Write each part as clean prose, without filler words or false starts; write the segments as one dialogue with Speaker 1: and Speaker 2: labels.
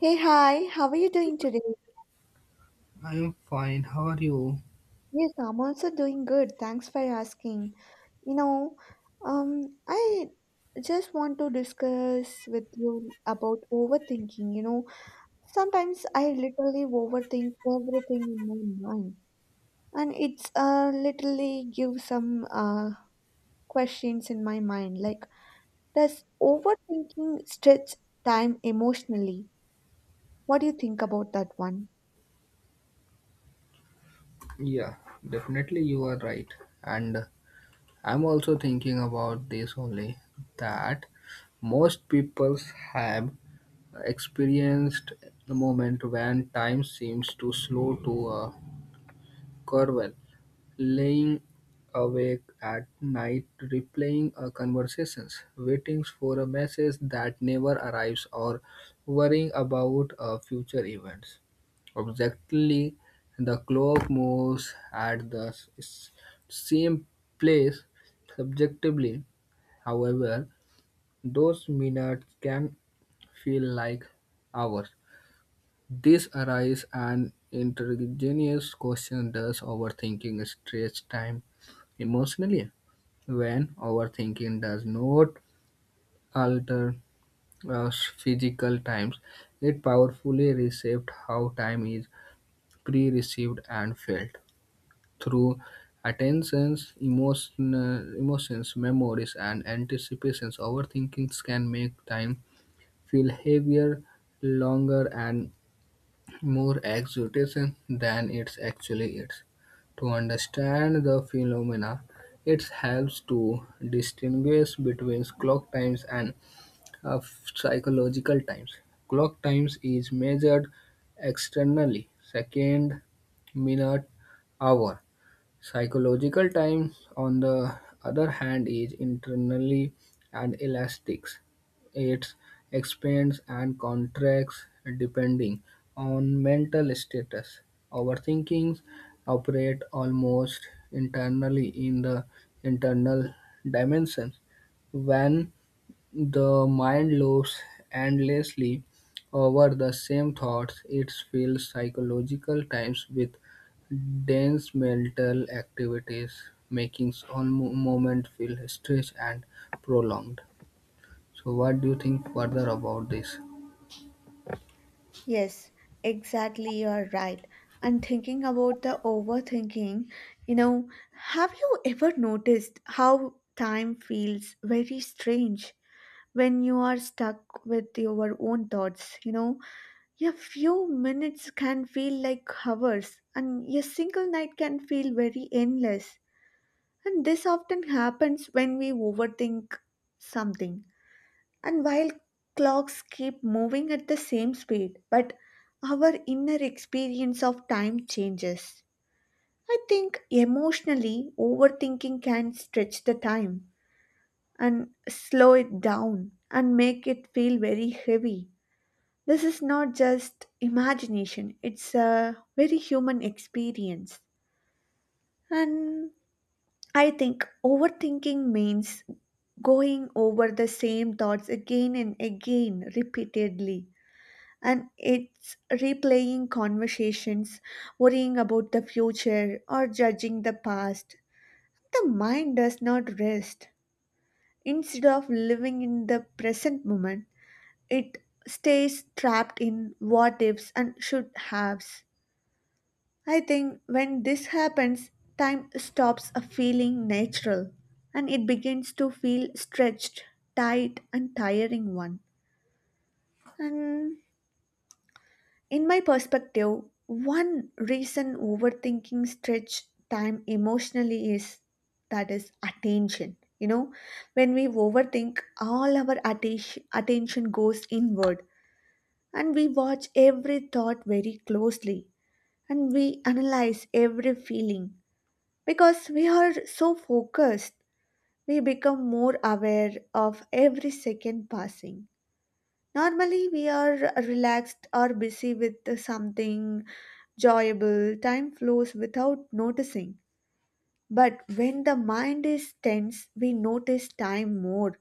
Speaker 1: Hey, hi, how are you doing today?
Speaker 2: I'm fine. How are you?
Speaker 1: Yes, I'm also doing good. Thanks for asking. You know, I just want to discuss with you about overthinking. You know, sometimes I literally overthink everything in my mind, and it's literally give some questions in my mind. Like, does overthinking stretch time emotionally? What do you think about that one?
Speaker 2: Yeah, definitely you are right. And I'm also thinking about this only that most peoples have experienced the moment when time seems to slow to a curve, laying awake at night replaying conversations, waiting for a message that never arrives or worrying about future events. Objectively, the clock moves at the s- same place subjectively. However, those minutes can feel like hours. This arises an interrogatious question: does overthinking stretch time emotionally? When overthinking does not alter physical times, it powerfully reshapes how time is pre-received and felt through attentions, emotions, memories, and anticipations. Overthinking can make time feel heavier, longer, and more exhortation than it actually is. To understand the phenomena, it helps to distinguish between clock times and uh, psychological times. Clock times is measured externally, second, minute, hour. Psychological time, on the other hand, is internally and elastic. It expands and contracts depending on mental status. Overthinking operate almost internally in the internal dimension. When the mind loops endlessly over the same thoughts, it fills psychological times with dense mental activities, making all moment feel stretched and prolonged. So, what do you think further about this?
Speaker 1: Yes, exactly. You're right. I'm thinking about the overthinking. You know, have you ever noticed how time feels very strange when you are stuck with your own thoughts? You know, a few minutes can feel like hours, and a single night can feel very endless. And this often happens when we overthink something, and while clocks keep moving at the same speed, but our inner experience of time changes. I think emotionally, overthinking can stretch the time and slow it down and make it feel very heavy. This is not just imagination, it's a very human experience. And I think overthinking means going over the same thoughts again and again repeatedly, and it's replaying conversations, worrying about the future, or judging the past. The mind does not rest. Instead of living in the present moment, it stays trapped in what ifs and should haves. I think when this happens, time stops feeling natural and it begins to feel stretched, tight, and tiring one. And in my perspective, one reason overthinking stretch time emotionally is that is attention. You know, when we overthink, all our attention goes inward, and we watch every thought very closely and we analyze every feeling. Because we are so focused, we become more aware of every second passing. Normally, we are relaxed or busy with something enjoyable. Time flows without noticing. But when the mind is tense, we notice time more.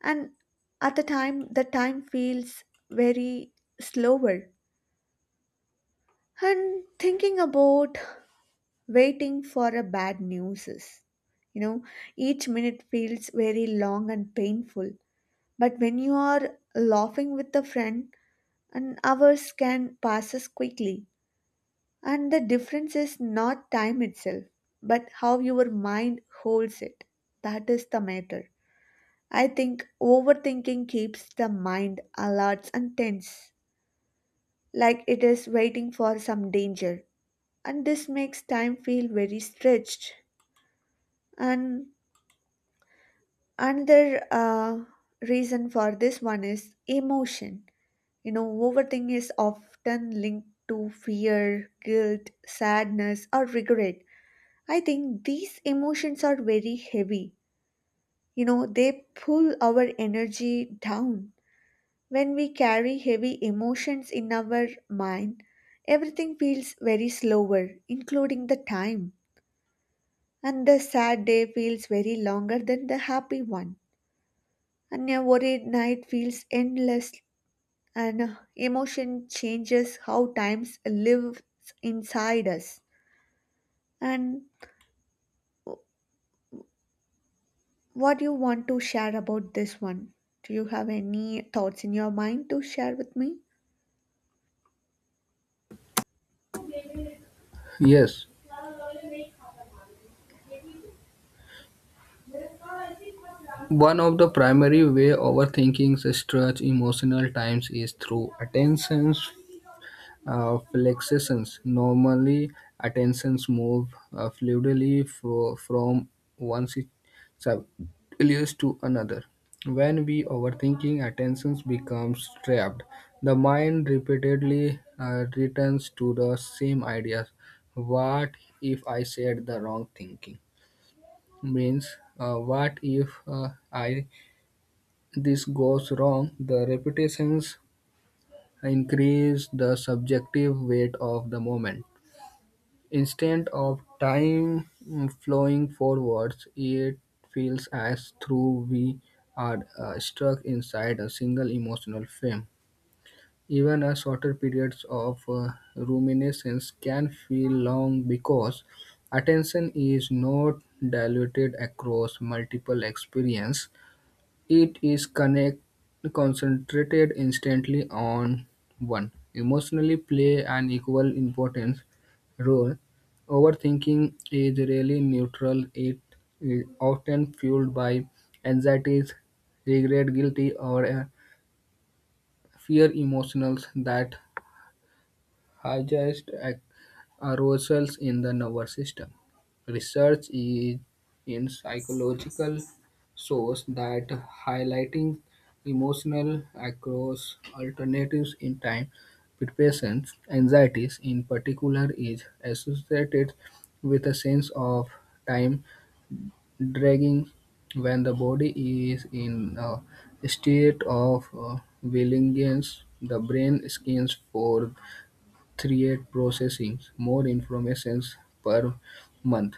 Speaker 1: And at the time feels very slower. And thinking about waiting for a bad news is, you know, each minute feels very long and painful. But when you are laughing with a friend, and hours can pass us quickly. And the difference is not time itself, but how your mind holds it. That is the matter. I think overthinking keeps the mind alert and tense, like it is waiting for some danger. And this makes time feel very stretched. And another reason for this one is emotion. You know, overthinking is often linked to fear, guilt, sadness, or regret. I think these emotions are very heavy. You know, they pull our energy down. When we carry heavy emotions in our mind, everything feels very slower, including the time. And the sad day feels very longer than the happy one. And a worried night feels endless, and emotion changes how times lives inside us. And what you want to share about this one, do you have any thoughts in your mind to share with me?
Speaker 2: Yes, one of the primary way overthinking stretch emotional times is through attention. Flexions normally attentions move fluidly from one si- subconscious to another. When we overthinking, attentions becomes trapped. The mind repeatedly returns to the same ideas. What if I said the wrong thinking? Means what if I this goes wrong? The repetitions increase the subjective weight of the moment. Instead of time flowing forwards, it feels as though we are stuck inside a single emotional frame. Even a shorter periods of ruminations can feel long because attention is not diluted across multiple experiences. It is concentrated instantly on one. Emotionally play an equal importance role. Overthinking is really neutral. It is often fueled by anxieties, regret, guilty, or fear emotions that highest arousals in the nervous system. Research in psychological shows that highlighting emotional across alternatives in time, depression, anxieties in particular, is associated with a sense of time dragging when the body is in a state of willingness. The brain scans for create processing more informations per month.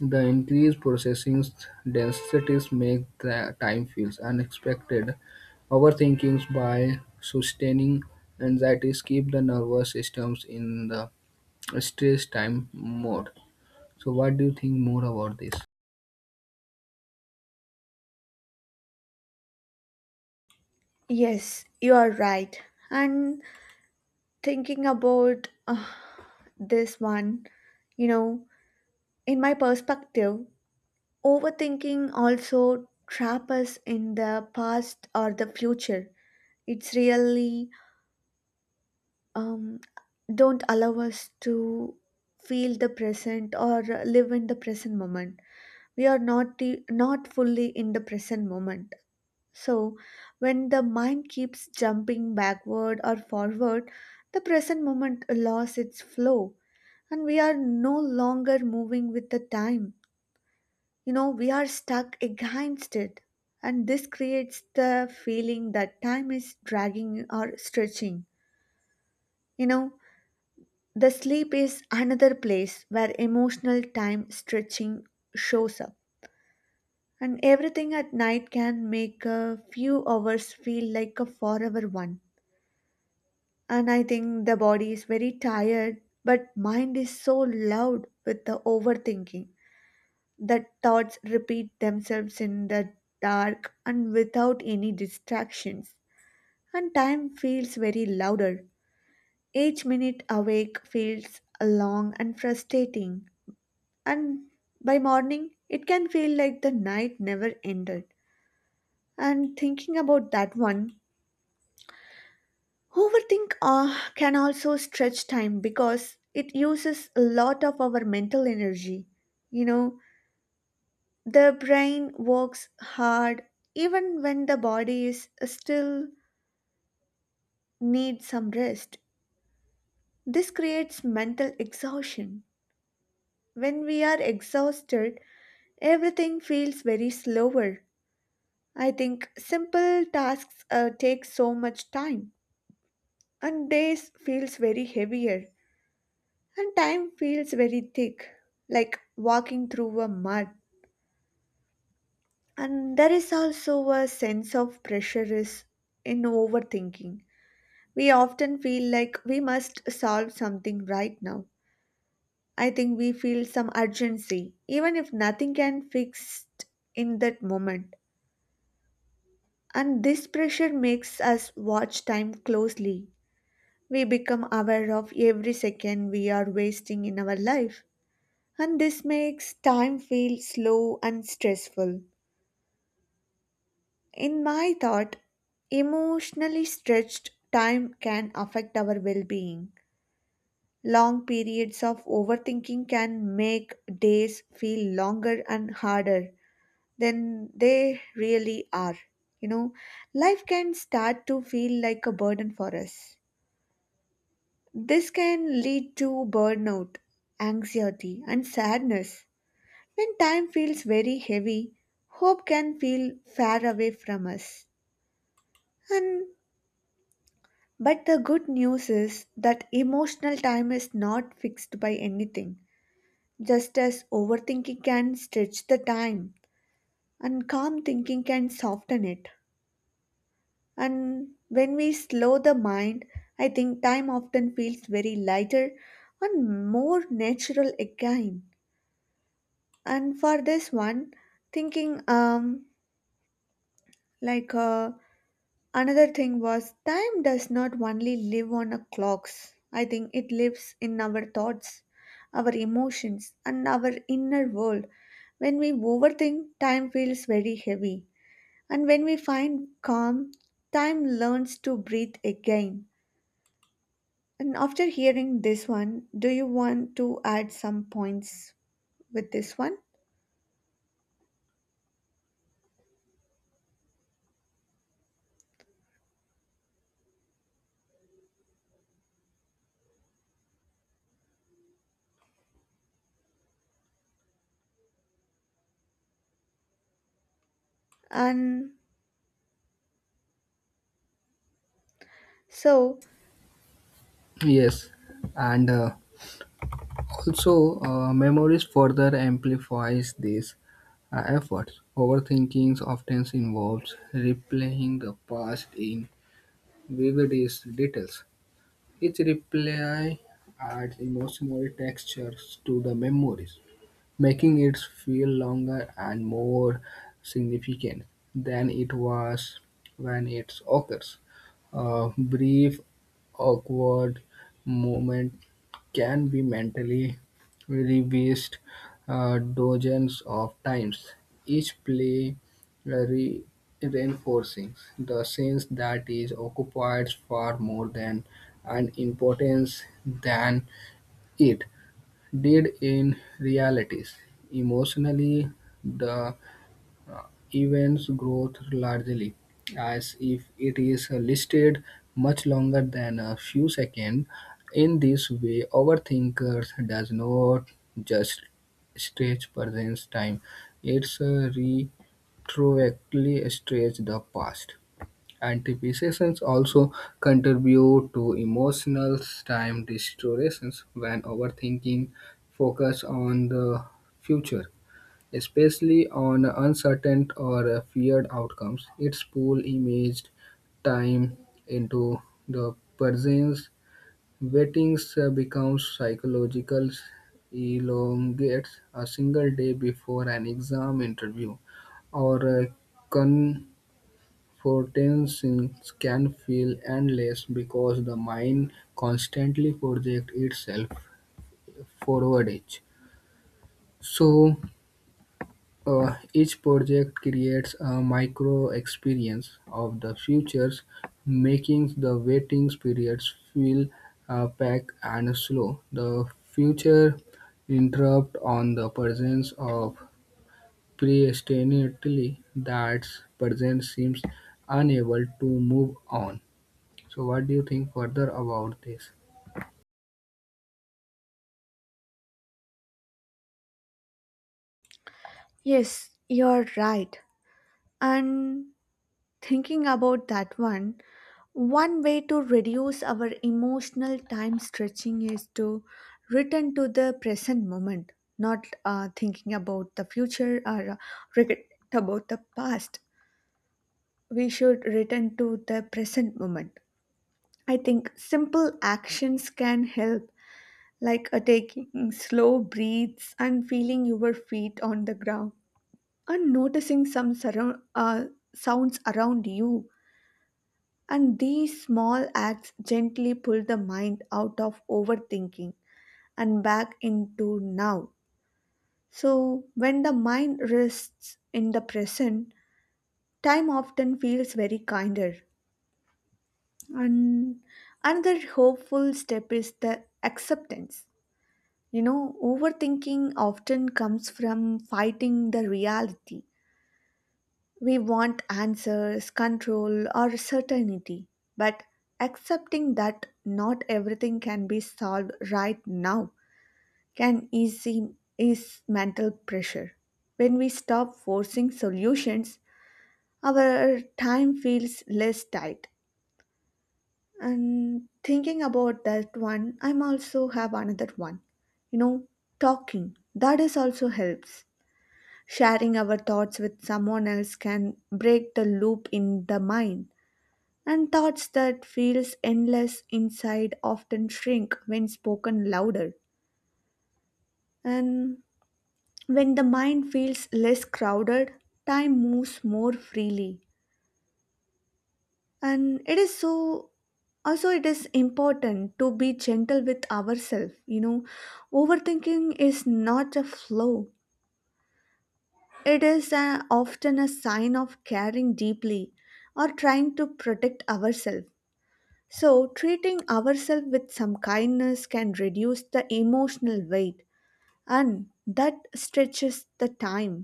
Speaker 2: The increased processing densities make the time feels unexpected. Overthinking by sustaining anxieties keep the nervous systems in the stress time mode. So, what do you think more about this?
Speaker 1: Yes, you are right. And thinking about this one, you know, in my perspective, overthinking also trap us in the past or the future. It's really, um don't allow us to feel the present or live in the present moment. We are not not fully in the present moment. So when the mind keeps jumping backward or forward, the present moment lost its flow, and we are no longer moving with the time. You know, we are stuck against it, and this creates the feeling that time is dragging or stretching, you know. The sleep is another place where emotional time stretching shows up, and everything at night can make a few hours feel like a forever one. And I think the body is very tired, but mind is so loud with the overthinking that thoughts repeat themselves in the dark and without any distractions. And time feels very louder. Each minute awake feels long and frustrating, and by morning it can feel like the night never ended. And thinking about that one, overthink can also stretch time because it uses a lot of our mental energy. You know, the brain works hard even when the body is still needs some rest. This creates mental exhaustion. When we are exhausted, everything feels very slower. I think simple tasks take so much time, and days feels very heavier, and time feels very thick, like walking through a mud. And there is also a sense of pressure is in overthinking. We often feel like we must solve something right now. I think we feel some urgency, even if nothing can fix it in that moment. And this pressure makes us watch time closely. We become aware of every second we are wasting in our life, and this makes time feel slow and stressful. In my thought, emotionally stretched time can affect our well being. Long periods of overthinking can make days feel longer and harder than they really are. You know, life can start to feel like a burden for us. This can lead to burnout, anxiety, and sadness. When time feels very heavy, hope can feel far away from us. And but the good news is that emotional time is not fixed by anything. Just as overthinking can stretch the time and calm thinking can soften it. And when we slow the mind, I think time often feels very lighter and more natural again. And for this one, thinking, like uh, another thing was time does not only live on a clocks. I think it lives in our thoughts, our emotions and our inner world. When we overthink, time feels very heavy, and when we find calm, time learns to breathe again. And after hearing this one, do you want to add some points with this one? And so,
Speaker 2: Yes, and also, memories further amplifies these efforts. Overthinking often involves replaying the past in vividest details. Each replay adds emotional textures to the memories, making it feel longer and more significant than it was when it occurs. A brief, awkward moment can be mentally revised dozens of times, each play re- reinforcing the sense that it occupies far more than an importance than it did in realities. Emotionally, the uh, event's growth largely as if it is listed much longer than a few seconds. In this way, overthinkers does not just stretch present time; it's retroactively stretch the past. Anticipations also contribute to emotional time distortions when overthinking focuses on the future, especially on uncertain or feared outcomes. It's pull imaged time into the present. Waiting becomes psychological, elongates a single day before an exam interview or a con- fortresses can feel endless because the mind constantly projects itself forwards. So, each project creates a micro experience of the futures, making the waiting periods feel packed and slow. The future interrupt on the presence of predestinately that present seems unable to move on. So, what do you think further about this?
Speaker 1: yes, you're right. And thinking about that one, one way to reduce our emotional time stretching is to return to the present moment, not thinking about the future or regret about the past. We should return to the present moment. I think simple actions can help, like taking slow breaths and feeling your feet on the ground and noticing some sounds around you. And these small acts gently pull the mind out of overthinking and back into now. So, when the mind rests in the present, time often feels very kinder. And another hopeful step is the acceptance. You know, overthinking often comes from fighting the reality. We want answers, control, or certainty, but accepting that not everything can be solved right now can easy is mental pressure. When we stop forcing solutions, our time feels less tight. And thinking about that one, I'm also have another one. You know, talking. That is also helps. Sharing our thoughts with someone else can break the loop in the mind, and thoughts that feels endless inside often shrink when spoken louder. And when the mind feels less crowded, time moves more freely. And it is so, also it is important to be gentle with ourselves, you know. Overthinking is not a flaw. It is a, often a sign of caring deeply or trying to protect ourselves. So, treating ourselves with some kindness can reduce the emotional weight and that stretches the time.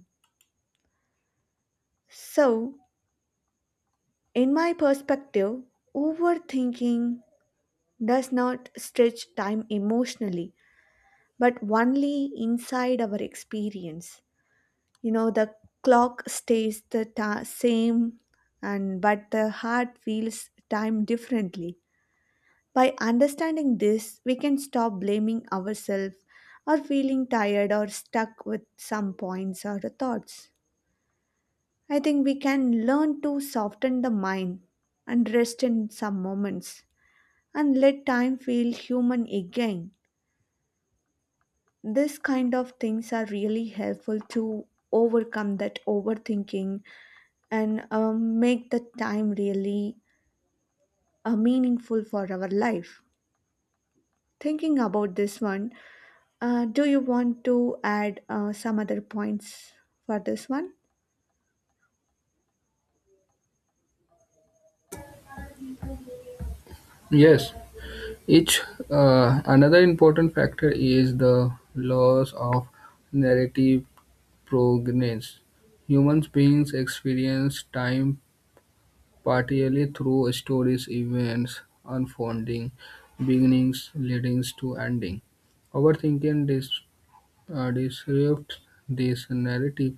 Speaker 1: So, in my perspective, overthinking does not stretch time emotionally but only inside our experience. You know, the clock stays the same, and but the heart feels time differently. By understanding this, we can stop blaming ourselves or feeling tired or stuck with some points or thoughts. I think we can learn to soften the mind and rest in some moments and let time feel human again. This kind of things are really helpful to overcome that overthinking, and make the time really meaningful for our life. Thinking about this one, do you want to add some other points for this one?
Speaker 2: Yes, each another important factor is the loss of narrative provenance. Human beings experience time partially through stories, events, unfolding, beginnings, leadings to ending. Overthinking this disrupts this narrative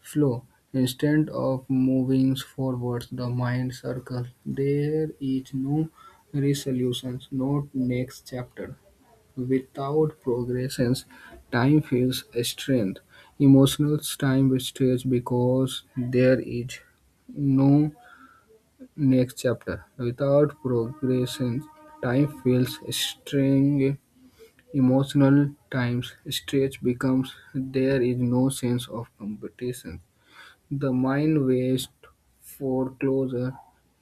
Speaker 2: flow. Instead of moving forwards the mind circle, there is no resolution, no next chapter. Without progressions, time feels strained. Emotional time stretch because there is no next chapter. Without progressions, time feels strained, emotional times stretch becomes there is no sense of competition. The mind waits for closure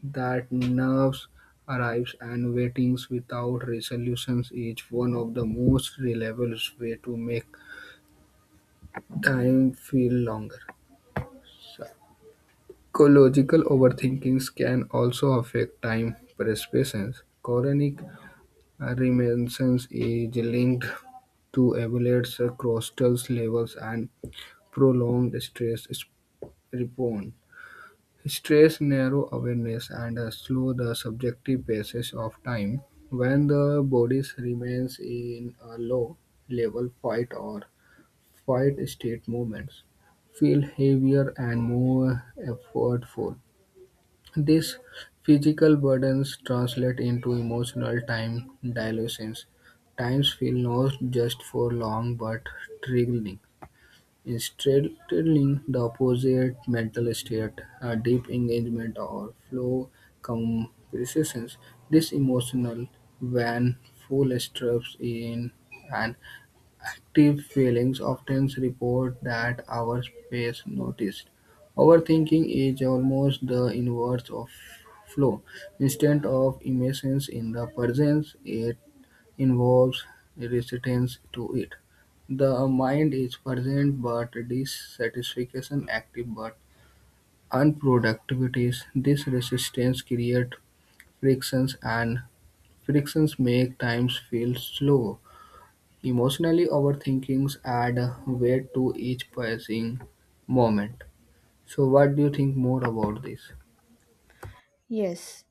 Speaker 2: that nerves arrives, and waitings without resolutions is one of the most reliable way to make time feel longer. Psychological overthinkings can also affect time perception. Chronic reminiscence is linked to elevated cortisol levels and prolonged stress responds. Stress narrows awareness and slow the subjective passage of time. When the body remains in a low-level fight or fight state, movements feel heavier and more effortful. These physical burdens translate into emotional time dilations. Times feel not just for long but triggering. Is straddling the opposite mental state, a deep engagement or flow compressions, this emotional when full, steps in an active feelings often report that our space noticed. Overthinking is almost the inverse of flow. Instead of immersion in the presence, it involves resistance to it. The mind is present but dissatisfaction, active but unproductivities. This resistance creates frictions, and frictions make times feel slow. Emotionally overthinkings add weight to each passing moment. So, what do you think more about this?
Speaker 1: Yes.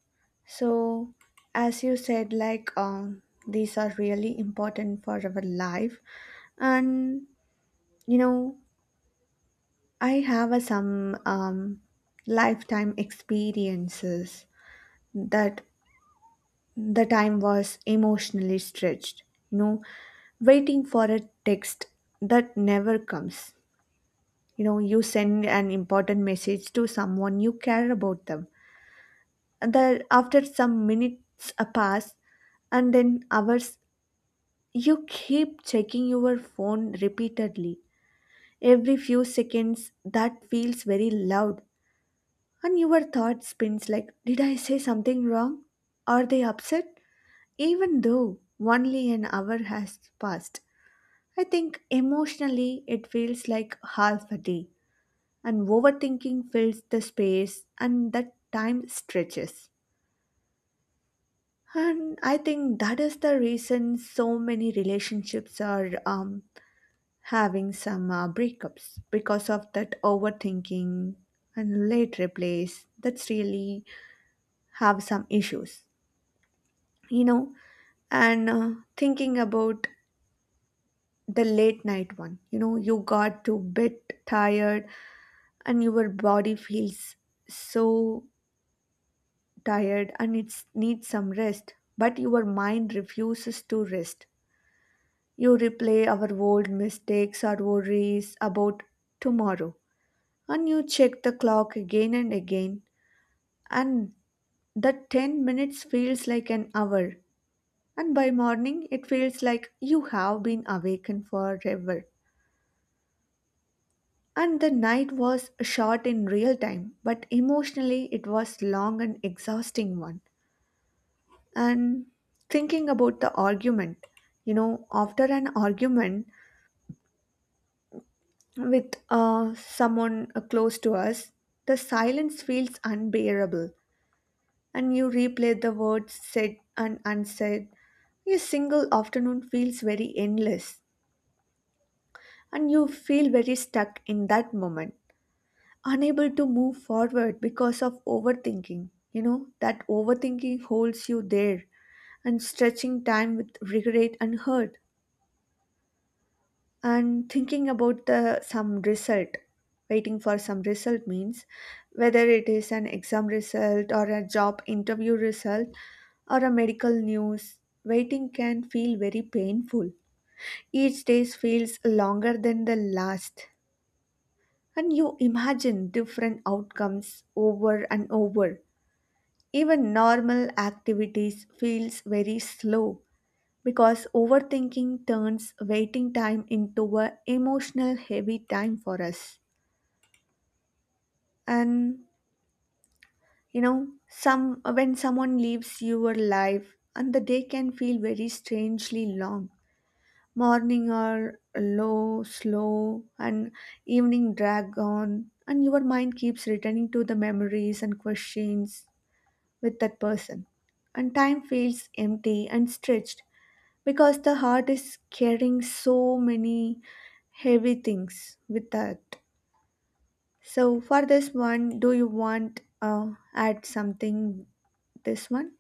Speaker 1: So, as you said, like, these are really important for our life, and you know, I have some lifetime experiences that the time was emotionally stretched. You know, waiting for a text that never comes. You know, you send an important message to someone you care about them, and then after some minutes a pass, and then hours, you keep checking your phone repeatedly every few seconds. That feels very loud, and your thought spins like, did I say something wrong? Are they upset? Even though only an hour has passed, I think emotionally it feels like half a day. And overthinking fills the space and that time stretches. And I think that is the reason so many relationships are, having some breakups because of that overthinking and late replies. That's really have some issues, you know. And thinking about the late night one, you know, you got to bed tired, and your body feels so tired and it needs some rest, but your mind refuses to rest. You replay our old mistakes or worries about tomorrow, and you check the clock again and again, and that 10 minutes feels like an hour, and by morning it feels like you have been awakened forever. And the night was short in real time, but emotionally it was long and exhausting one. And thinking about the argument, you know, after an argument with someone close to us, the silence feels unbearable, and you replay the words said and unsaid. Your single afternoon feels very endless, and you feel very stuck in that moment, unable to move forward because of overthinking. You know that overthinking holds you there and stretching time with regret and hurt. And thinking about the some result, waiting for some result means whether it is an exam result or a job interview result or a medical news. Waiting can feel very painful. Each day feels longer than the last, and you imagine different outcomes over and over. Even normal activities feels very slow because overthinking turns waiting time into a emotional heavy time for us. And you know some when someone leaves your life, and the day can feel very strangely long. Morning are low slow, and evening drag on, and your mind keeps returning to the memories and questions with that person. And time feels empty and stretched because the heart is carrying so many heavy things with that. So for this one, do you want add something this one?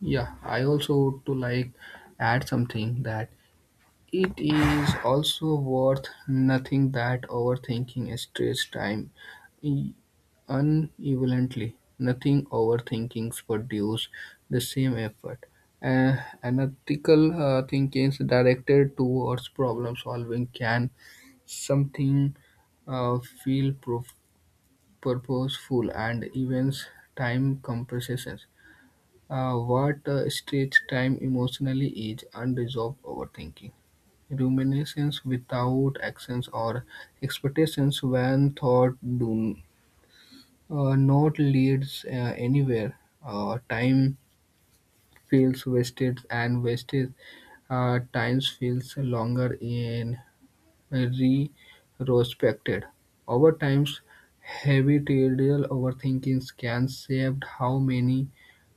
Speaker 2: Yeah, I also would to like add something that it is also worth nothing that overthinking strays time e- unevenly. Nothing overthinkings produce the same effort. Analytical thinking directed towards problem solving can something feel purposeful and events time compresses. What strays time emotionally is unresolved overthinking. Ruminations without actions or expectations when thought do not leads anywhere. Time feels wasted, and wasted times feels longer in retrospected. Over times, habitual overthinking can shape how many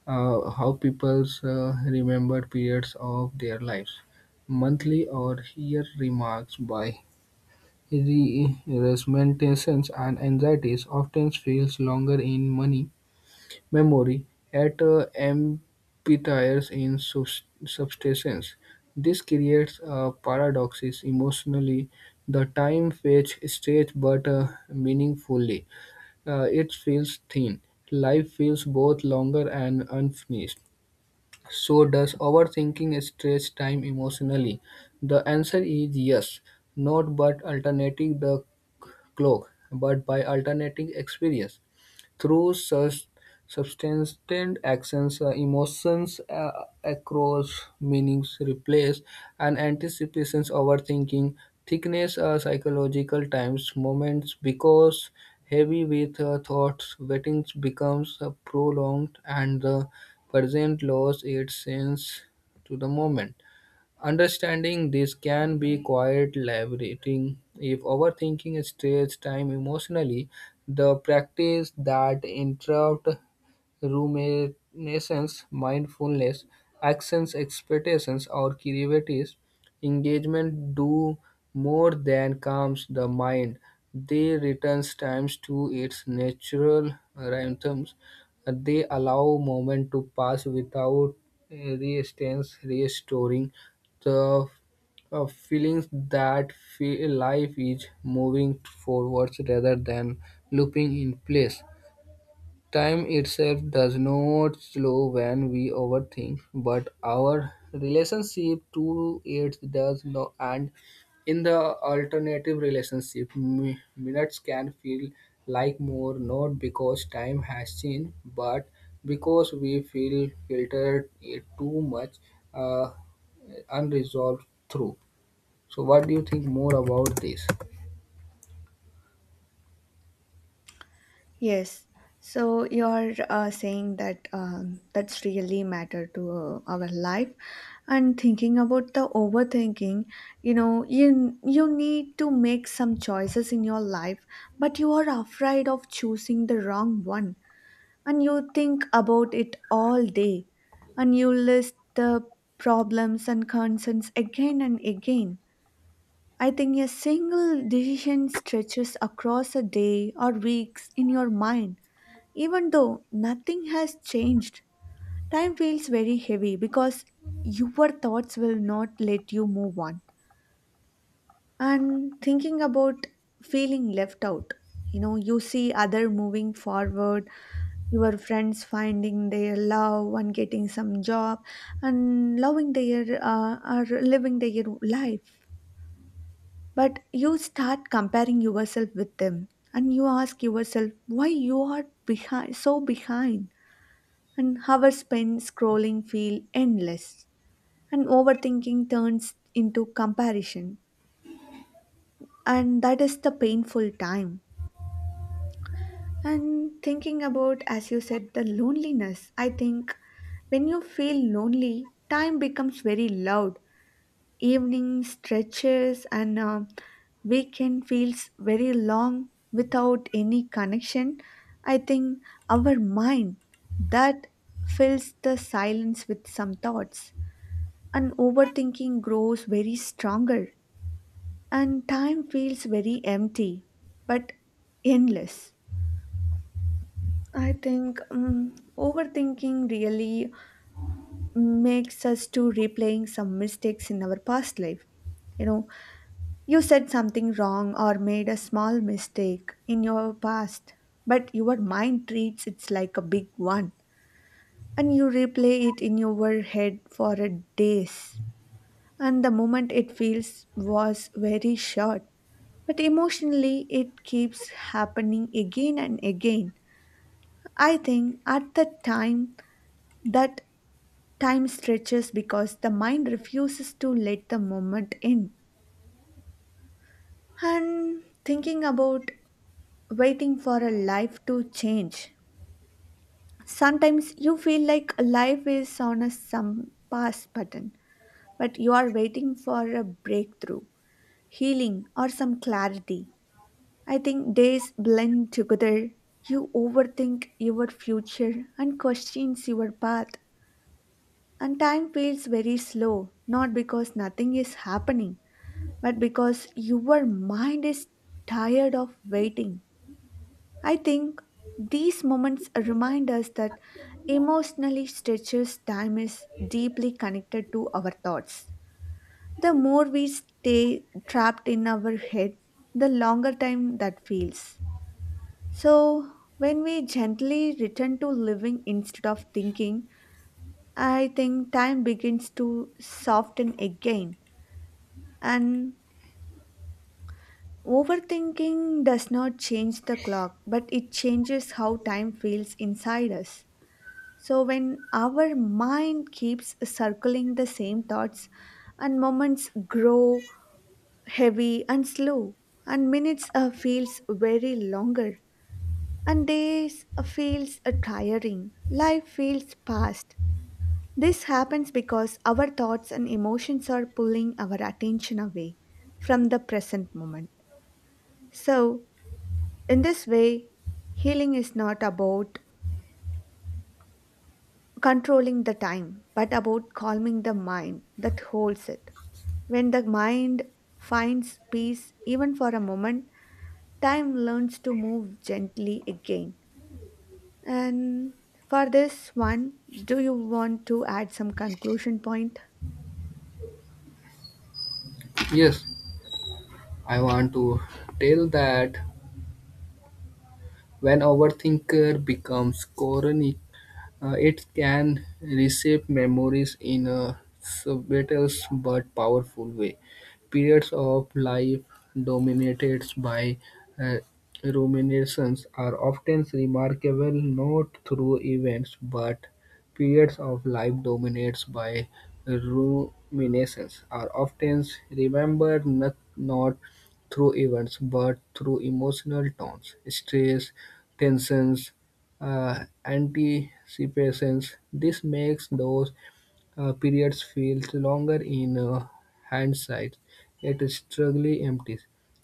Speaker 2: how people's remember periods of their lives. Monthly or year remarks by resentments and anxieties often feels longer in money memory, at amphitheatres in substance. This creates a paradox: emotionally, the time fetch stretch, but meaningfully, it feels thin. Life feels both longer and unfinished. So, does overthinking stretch time emotionally? The answer is yes, not by alternating the clock, but by alternating experience. Through sus substantive actions, emotions across meanings replace and anticipations overthinking thickness psychological times moments because heavy with thoughts waiting becomes prolonged and the present loses its sense to the moment. Understanding this can be quite liberating. If overthinking strains time emotionally, the practice that interrupt ruminations, mindfulness, actions, expectations, or creative engagement do more than calms the mind. They returns times to its natural rhythms. They allow moment to pass without resistance, restoring the feelings that feel life is moving forwards rather than looping in place. Time itself does not slow when we overthink, but our relationship to it does not. And in the alternative relationship, minutes can feel like more, not because time has changed, but because we feel filtered it too much, uh, unresolved through. So, what do you think more about this?
Speaker 1: Yes, so you're saying that that's really matter to our life. And thinking about the overthinking, you know, you need to make some choices in your life, but you are afraid of choosing the wrong one, and you think about it all day, and you list the problems and concerns again and again. I think a single decision stretches across a day or weeks in your mind. Even though nothing has changed, time feels very heavy because your thoughts will not let you move on. And thinking about feeling left out, you know, you see other moving forward, your friends finding their love and getting some job and loving their or living their life, but you start comparing yourself with them, and you ask yourself why you are behind so behind. And hours spent scrolling feel endless, and overthinking turns into comparison, and that is the painful time. And thinking about, as you said, the loneliness, I think when you feel lonely, time becomes very loud. Evening stretches, and weekend feels very long without any connection. I think our mind that fills the silence with some thoughts, and overthinking grows very stronger, and time feels very empty but endless. I think overthinking really makes us to replaying some mistakes in our past life. You know, you said something wrong or made a small mistake in your past, but your mind treats it like a big one, and you replay it in your head for a days. And the moment it feels was very short, but emotionally it keeps happening again and again. I think at the time that time stretches because the mind refuses to let the moment in. And thinking about waiting for a life to change. Sometimes you feel like life is on a some pass button, but you are waiting for a breakthrough, healing, or some clarity. I think days blend together. You overthink your future and questions your path, and time feels very slow, not because nothing is happening but because your mind is tired of waiting. I think these moments remind us that emotionally stretches time is deeply connected to our thoughts. The more we stay trapped in our head, the longer time that feels. So, when we gently return to living instead of thinking, I think time begins to soften again, and overthinking does not change the clock, but it changes how time feels inside us. So, when our mind keeps circling the same thoughts, and moments grow heavy and slow, and minutes feels very longer, and days feels tiring, life feels fast. This happens because our thoughts and emotions are pulling our attention away from the present moment. So, in this way, healing is not about controlling the time, but about calming the mind that holds it. When the mind finds peace, even for a moment, time learns to move gently again. And for this one, do you want to add some conclusion point?
Speaker 2: Yes, I want to tell that when overthinker becomes chronic, it can reshape memories in a subtle but powerful way. Periods of life dominated by uh, ruminations are often remarkable not through events but periods of life dominated by ruminations are often remembered not through events but through emotional tones, stress, tensions, uh, anticipations. This makes those periods feel longer in hindsight, yet strangely empty.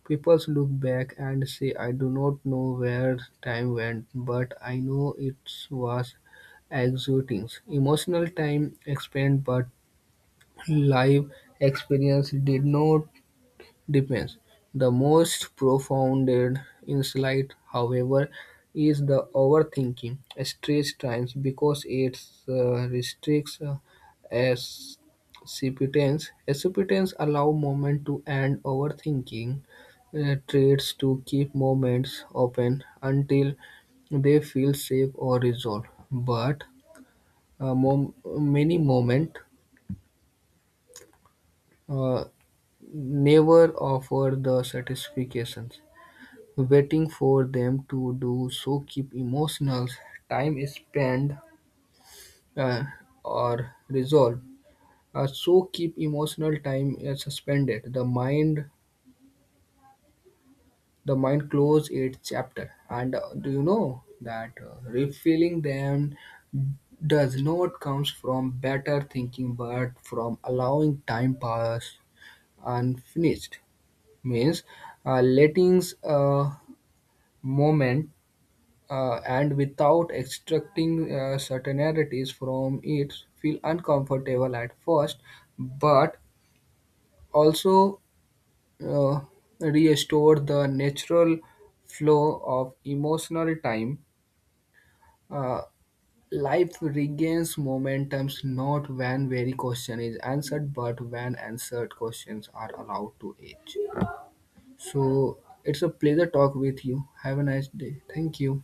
Speaker 2: People look back and say, I do not know where time went, but I know it was exhausting. Emotional time expanded, but life experience did not depends. The most profounded insight, however, is the overthinking stress times because it restricts acceptance. Acceptance allow moment to end; overthinking tries to keep moments open until they feel safe or resolved. But many moments uh, never offer the satisfactions. Waiting for them to do so keep emotional time spent uh, or resolved. So keep emotional time suspended. The mind close its chapter. And do you know that refilling them does not comes from better thinking, but from allowing time pass unfinished. Means letting a moment and without extracting certainties from it feel uncomfortable at first but also uh, restore the natural flow of emotional time. Uh, Life regains momentum not when very question is answered but when answered questions are allowed to age. So, it's a pleasure talk with you. Have a nice day. Thank you.